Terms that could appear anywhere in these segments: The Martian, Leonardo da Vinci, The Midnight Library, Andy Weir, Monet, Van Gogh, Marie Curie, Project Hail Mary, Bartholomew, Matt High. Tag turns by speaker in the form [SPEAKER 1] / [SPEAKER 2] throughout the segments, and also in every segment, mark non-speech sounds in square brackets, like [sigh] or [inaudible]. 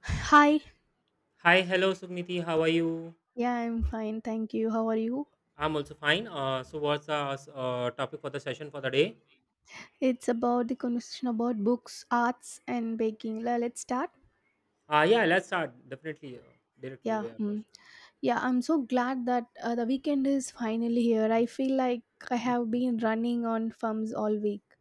[SPEAKER 1] Hi.
[SPEAKER 2] Hi, hello Sugniti, how are you?
[SPEAKER 1] Yeah, I'm fine. Thank you. How are you?
[SPEAKER 2] I'm also fine. So, what's the topic for the session for the day?
[SPEAKER 1] It's about the conversation about books, arts, and baking. Let's start.
[SPEAKER 2] Yeah, let's start. Definitely, directly
[SPEAKER 1] Yeah.
[SPEAKER 2] we are close.
[SPEAKER 1] Mm. Yeah, I'm so glad that the weekend is finally here. I feel like I have been running on fumes all week.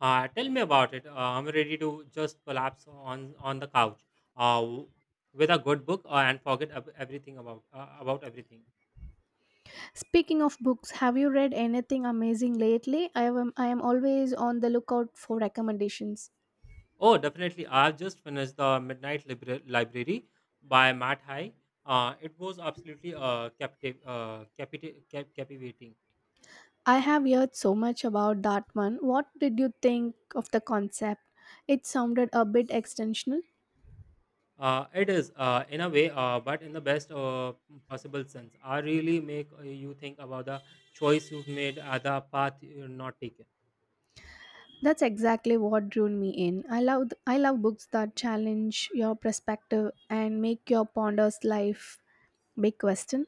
[SPEAKER 2] Tell me about it. I'm ready to just collapse on the couch uh, w- with a good book and forget everything about everything.
[SPEAKER 1] Speaking of books, have you read anything amazing lately? I am always on the lookout for recommendations.
[SPEAKER 2] Oh, definitely. I've just finished the Library by Matt High. It was absolutely captivating.
[SPEAKER 1] I have heard so much about that one. What did you think of the concept? It sounded a bit extensional.
[SPEAKER 2] It is in a way, but in the best possible sense. I really make you think about the choice you've made, the path you're not taken.
[SPEAKER 1] That's exactly what drew me in. I love books that challenge your perspective and make your ponders life big question.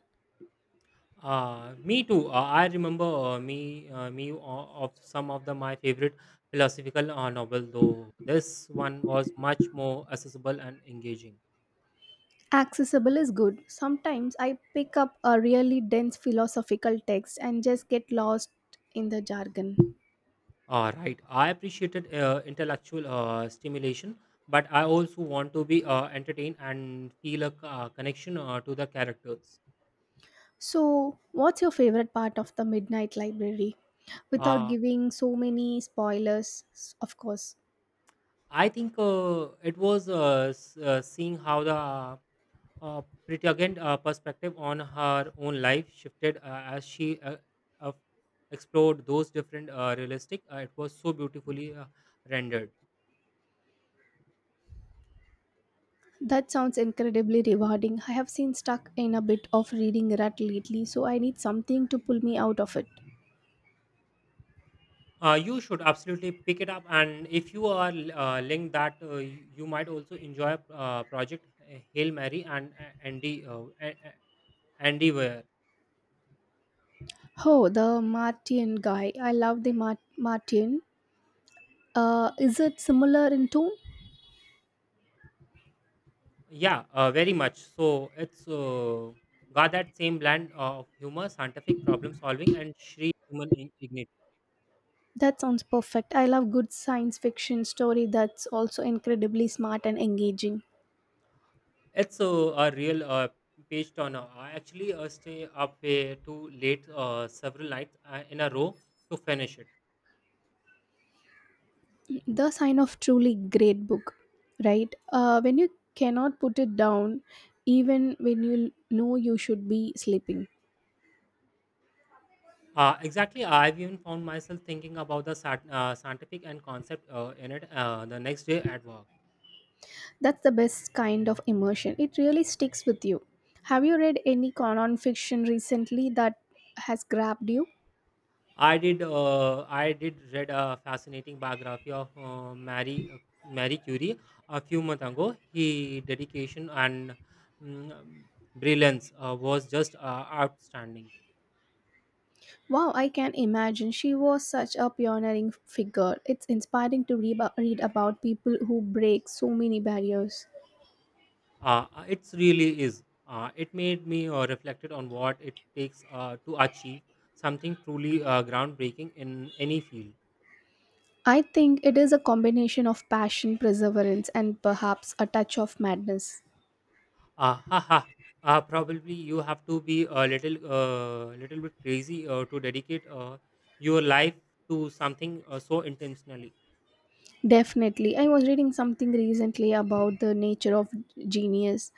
[SPEAKER 2] Me too. I remember of some of the my favorite philosophical novel, though this one was much more accessible and engaging.
[SPEAKER 1] Accessible is good. Sometimes I pick up a really dense philosophical text and just get lost in the jargon.
[SPEAKER 2] Right. I appreciated intellectual stimulation, but I also want to be entertained and feel a connection to the characters.
[SPEAKER 1] So, what's your favorite part of the Midnight Library? Without
[SPEAKER 2] Uh,
[SPEAKER 1] giving so many spoilers, of course.
[SPEAKER 2] I think it was seeing how the pretty again perspective on her own life shifted as she uh, explored those different realistic. It was so beautifully rendered.
[SPEAKER 1] That sounds incredibly rewarding. I have seen stuck in a bit of reading rut lately, so I need something to pull me out of it.
[SPEAKER 2] You should absolutely pick it up, and if you are linked that, you might also enjoy Project Hail Mary and Andy Weir.
[SPEAKER 1] Oh, the Martian guy. I love the Martian. Is it similar in tone?
[SPEAKER 2] Yeah, very much. So it's got that same blend of humor, scientific problem solving, and sheer human dignity.
[SPEAKER 1] That sounds perfect. I love good science fiction story that's also incredibly smart and engaging.
[SPEAKER 2] It's a real page turner. I actually stay up way too late several nights in a row to finish it.
[SPEAKER 1] The sign of truly great book, right? When you cannot put it down, even when you know you should be sleeping.
[SPEAKER 2] Exactly. I've even found myself thinking about the scientific and concept in it the next day at work.
[SPEAKER 1] That's the best kind of immersion. It really sticks with you. Have you read any non fiction recently that has grabbed you?
[SPEAKER 2] I did. I did read a fascinating biography of Marie Curie a few months ago. He dedication and mm, brilliance was just outstanding.
[SPEAKER 1] Wow, I can imagine. She was such a pioneering figure. It's inspiring to read about people who break so many barriers.
[SPEAKER 2] It really is. It made me reflected on what it takes to achieve something truly groundbreaking in any field.
[SPEAKER 1] I think it is a combination of passion, perseverance, and perhaps a touch of madness.
[SPEAKER 2] Ah, ha, ha. Probably you have to be a little bit crazy to dedicate your life to something so intentionally.
[SPEAKER 1] Definitely. I was reading something recently about the nature of genius,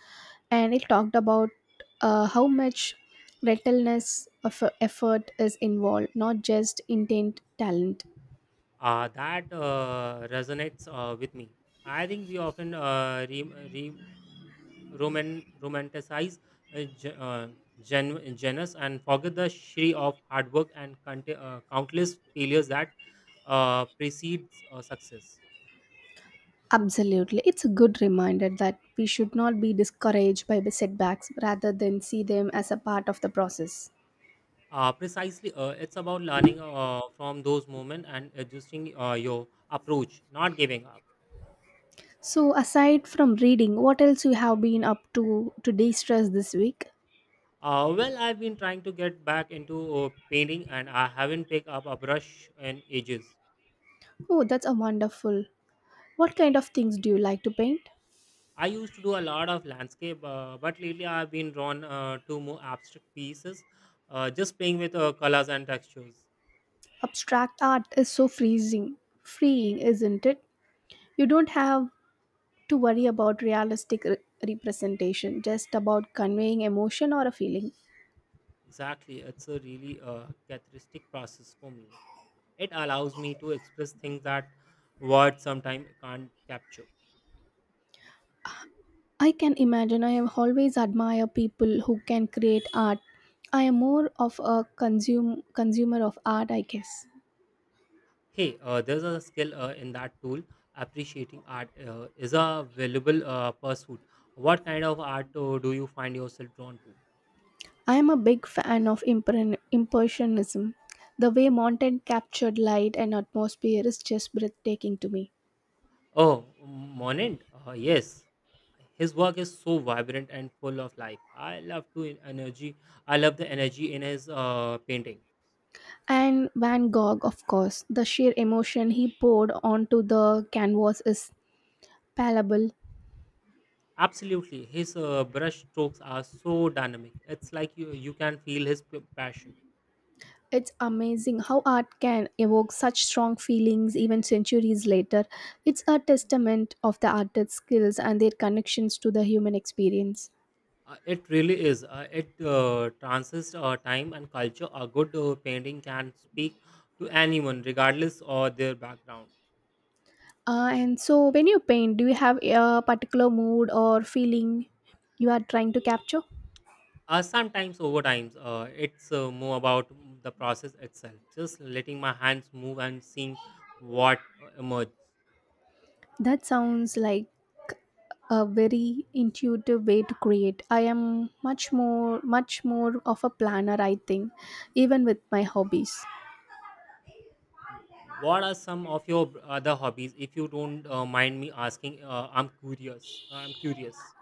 [SPEAKER 1] and it talked about how much relentless of effort is involved, not just intent talent.
[SPEAKER 2] Ah, that resonates with me. I think we often romanticize uh, ge- uh, genus and forget the shri of hard work and countless failures that precedes success.
[SPEAKER 1] Absolutely. It's a good reminder that we should not be discouraged by the setbacks rather than see them as a part of the process.
[SPEAKER 2] Precisely, it's about learning from those moments and adjusting your approach, not giving up.
[SPEAKER 1] So, aside from reading, what else you have been up to de stress this week?
[SPEAKER 2] Well, I've been trying to get back into painting and I haven't picked up a brush in ages.
[SPEAKER 1] Oh, that's a wonderful. What kind of things do you like to paint?
[SPEAKER 2] I used to do a lot of landscape, but lately I've been drawn to more abstract pieces, just playing with colors and textures.
[SPEAKER 1] Abstract art is so freezing, freeing, isn't it? You don't have to worry about realistic representation, just about conveying emotion or a feeling.
[SPEAKER 2] Exactly, it's a really characteristic process for me. It allows me to express things that words sometimes can't capture.
[SPEAKER 1] I can imagine I have always admire people who can create art. I am more of a consume, consumer of art, I guess.
[SPEAKER 2] Hey, there's a skill in that tool. Appreciating art is a valuable pursuit. What kind of art do you find yourself drawn to?
[SPEAKER 1] I am a big fan of impressionism. The way mountain captured light and atmosphere is just breathtaking to me.
[SPEAKER 2] Oh, Monet, yes. His work is so vibrant and full of life. I love energy. I love the energy in his painting.
[SPEAKER 1] And Van Gogh, of course, the sheer emotion he poured onto the canvas is palpable.
[SPEAKER 2] Absolutely, his brush strokes are so dynamic. It's like you can feel his passion.
[SPEAKER 1] It's amazing how art can evoke such strong feelings even centuries later. It's a testament of the artist's skills and their connections to the human experience.
[SPEAKER 2] It really is. It transcends time and culture. A good painting can speak to anyone, regardless of their background.
[SPEAKER 1] And so, when you paint, do you have a particular mood or feeling you are trying to capture?
[SPEAKER 2] Sometimes, over time, it's more about the process itself. Just letting my hands move and seeing what emerges.
[SPEAKER 1] That sounds like a very intuitive way to create. I am much more of a planner, I think, even with my hobbies.
[SPEAKER 2] What are some of your other hobbies? If you don't mind me asking, I'm curious.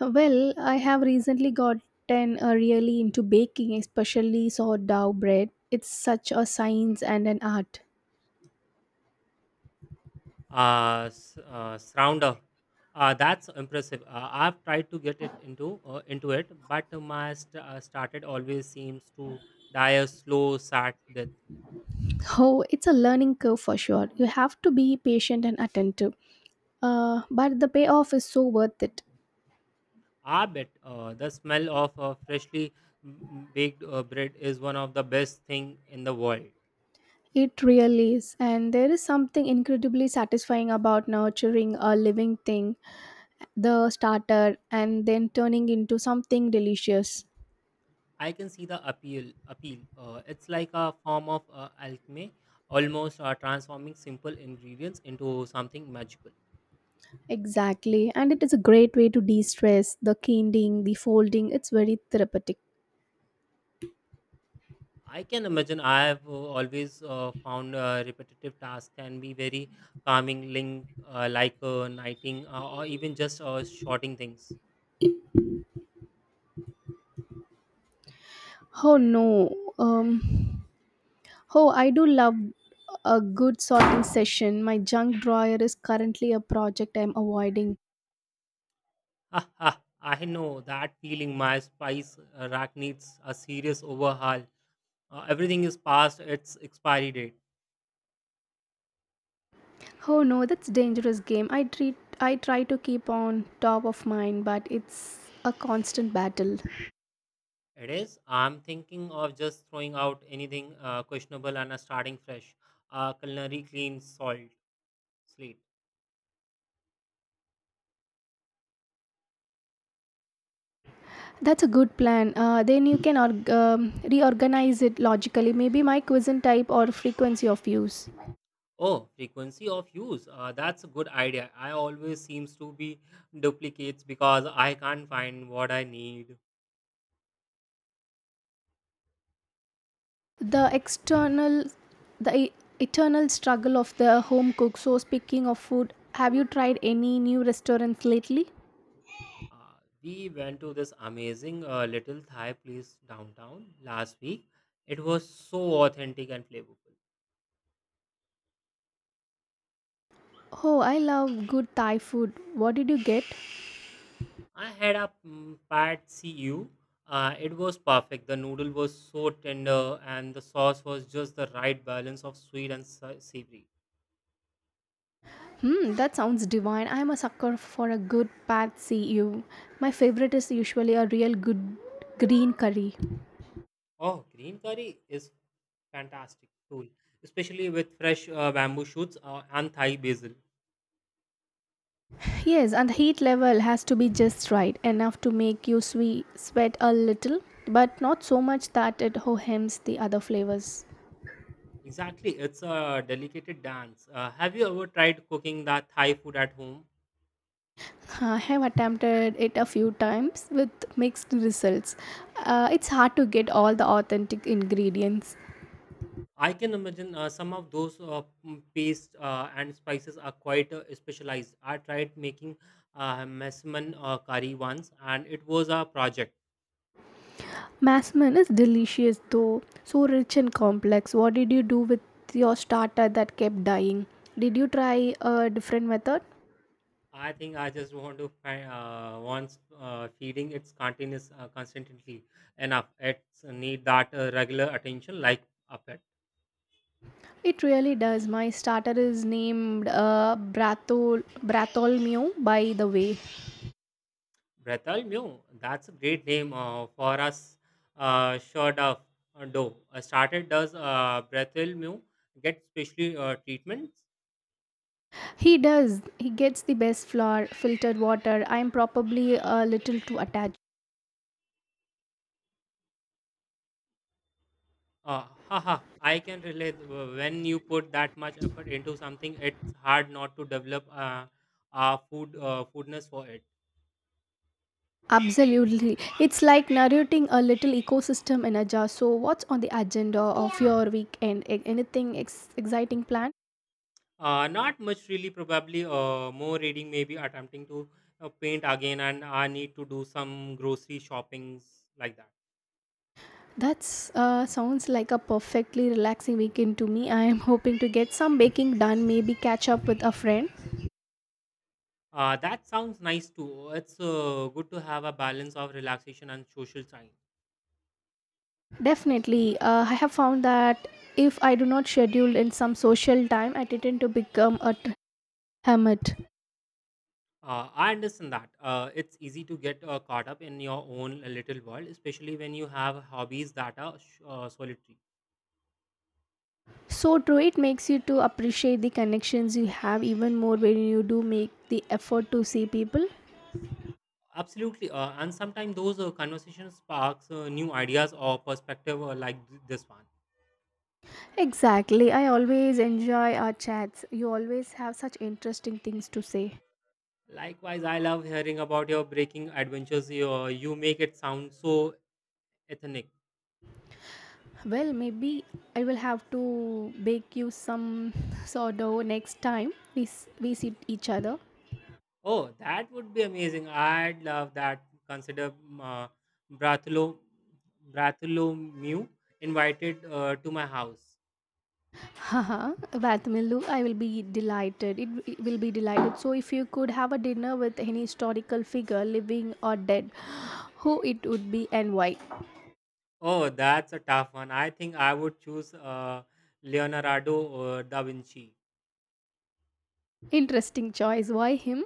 [SPEAKER 1] Well, I have recently gotten really into baking, especially sourdough bread. It's such a science and an art.
[SPEAKER 2] Srounder. That's impressive. I've tried to get it into it, but my started always seems to die a slow, sad death.
[SPEAKER 1] Oh, it's a learning curve for sure. You have to be patient and attentive. But the payoff is so worth it.
[SPEAKER 2] I bet the smell of freshly baked bread is one of the best thing in the world.
[SPEAKER 1] It really is, and there is something incredibly satisfying about nurturing a living thing, the starter, and then turning into something delicious.
[SPEAKER 2] I can see the appeal. It's like a form of alchemy, almost transforming simple ingredients into something magical.
[SPEAKER 1] Exactly, and it is a great way to de stress the kindling, the folding, it's very therapeutic.
[SPEAKER 2] I can imagine. I have always found repetitive tasks can be very calming, like nighting or even just shorting things.
[SPEAKER 1] Oh no, oh, I do love a good sorting session. My junk drawer is currently a project I'm avoiding.
[SPEAKER 2] Ha, ha, I know that feeling. My spice rack needs a serious overhaul. Everything is past its expiry date.
[SPEAKER 1] Oh no, that's dangerous game. I try to keep on top of mind, but it's a constant battle.
[SPEAKER 2] It is. I'm thinking of just throwing out anything questionable and starting fresh. Culinary clean salt slate.
[SPEAKER 1] That's a good plan. Then you can reorganize it logically. Maybe my cuisine type or frequency of use.
[SPEAKER 2] Oh, frequency of use. That's a good idea. I always seems to be duplicates because I can't find what I need.
[SPEAKER 1] The the e- eternal struggle of the home cook. So speaking of food, have you tried any new restaurants lately?
[SPEAKER 2] Uh, we went to this amazing little Thai place downtown last week. It was so authentic and flavorful.
[SPEAKER 1] Oh, I love good Thai food. What did you get?
[SPEAKER 2] I had a pad see ew. It was perfect. The noodle was so tender, and the sauce was just the right balance of sweet and savory.
[SPEAKER 1] Hmm, that sounds divine. I'm a sucker for a good pad see ew. My favorite is usually a real good green curry.
[SPEAKER 2] Oh, green curry is fantastic tool, especially with fresh bamboo shoots and Thai basil.
[SPEAKER 1] Yes, and the heat level has to be just right, enough to make you sweat a little, but not so much that it hohems the other flavors.
[SPEAKER 2] Exactly, it's a delicate dance. Have you ever tried cooking that Thai food at home?
[SPEAKER 1] I have attempted it a few times with mixed results. It's hard to get all the authentic ingredients.
[SPEAKER 2] I can imagine some of those paste and spices are quite specialized. I tried making mesman curry once, and it was a project.
[SPEAKER 1] Masman is delicious though, so rich and complex. What did you do with your starter that kept dying? Did you try a different method?
[SPEAKER 2] I think I just want to find once feeding its continuous constantly enough. It's need that regular attention like a pet.
[SPEAKER 1] It really does. My starter is named Bartholomew, by the way.
[SPEAKER 2] Bretal Mew, that's a great name for us. Short of dough. Started does Bretal Mew get specially treatments?
[SPEAKER 1] He does. He gets the best flour, filtered water. I'm probably a little too attached.
[SPEAKER 2] Haha, I can relate. When you put that much effort into something, it's hard not to develop foodness for it.
[SPEAKER 1] Absolutely. It's like narrating a little ecosystem in a jar. So, what's on the agenda of your weekend? Anything exciting planned?
[SPEAKER 2] Not much really. Probably more reading. Maybe attempting to paint again, and I need to do some grocery shoppings like that.
[SPEAKER 1] That's sounds like a perfectly relaxing weekend to me. I am hoping to get some baking done, maybe catch up with a friend.
[SPEAKER 2] That sounds nice too. It's good to have a balance of relaxation and social time.
[SPEAKER 1] Definitely, I have found that if I do not schedule in some social time, I tend to become a hermit.
[SPEAKER 2] I understand that. It's easy to get caught up in your own little world, especially when you have hobbies that are solitary.
[SPEAKER 1] So true, it makes you to appreciate the connections you have even more when you do make the effort to see people.
[SPEAKER 2] Absolutely. And sometimes those conversations sparks new ideas or perspective like this one.
[SPEAKER 1] Exactly, I always enjoy our chats. You always have such interesting things to say.
[SPEAKER 2] Likewise, I love hearing about your breaking adventures. You make it sound so ethnic.
[SPEAKER 1] Well, maybe I will have to bake you some [laughs] sourdough next time we see each other.
[SPEAKER 2] Oh, that would be amazing. I'd love that. Consider Bartholo- Bartholomew invited to my house.
[SPEAKER 1] Haha, Vatmilu, I will be delighted. It will be delighted. So, if you could have a dinner with any historical figure, living or dead, [gasps] who it would be and why?
[SPEAKER 2] Oh, that's a tough one. I think I would choose Leonardo da Vinci.
[SPEAKER 1] Interesting choice. Why him?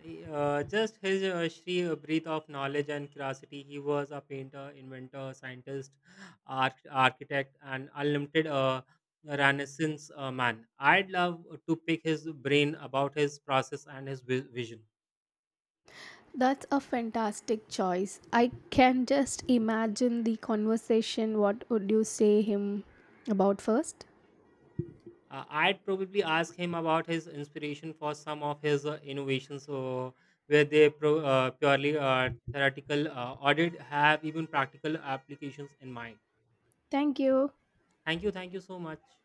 [SPEAKER 2] He, just his sheer breadth of knowledge and curiosity. He was a painter, inventor, scientist, architect, and unlimited Renaissance man. I'd love to pick his brain about his process and his vision.
[SPEAKER 1] That's a fantastic choice. I can just imagine the conversation. What would you say him about first?
[SPEAKER 2] I'd probably ask him about his inspiration for some of his innovations, where they purely theoretical audit have even practical applications in mind.
[SPEAKER 1] Thank you.
[SPEAKER 2] Thank you so much.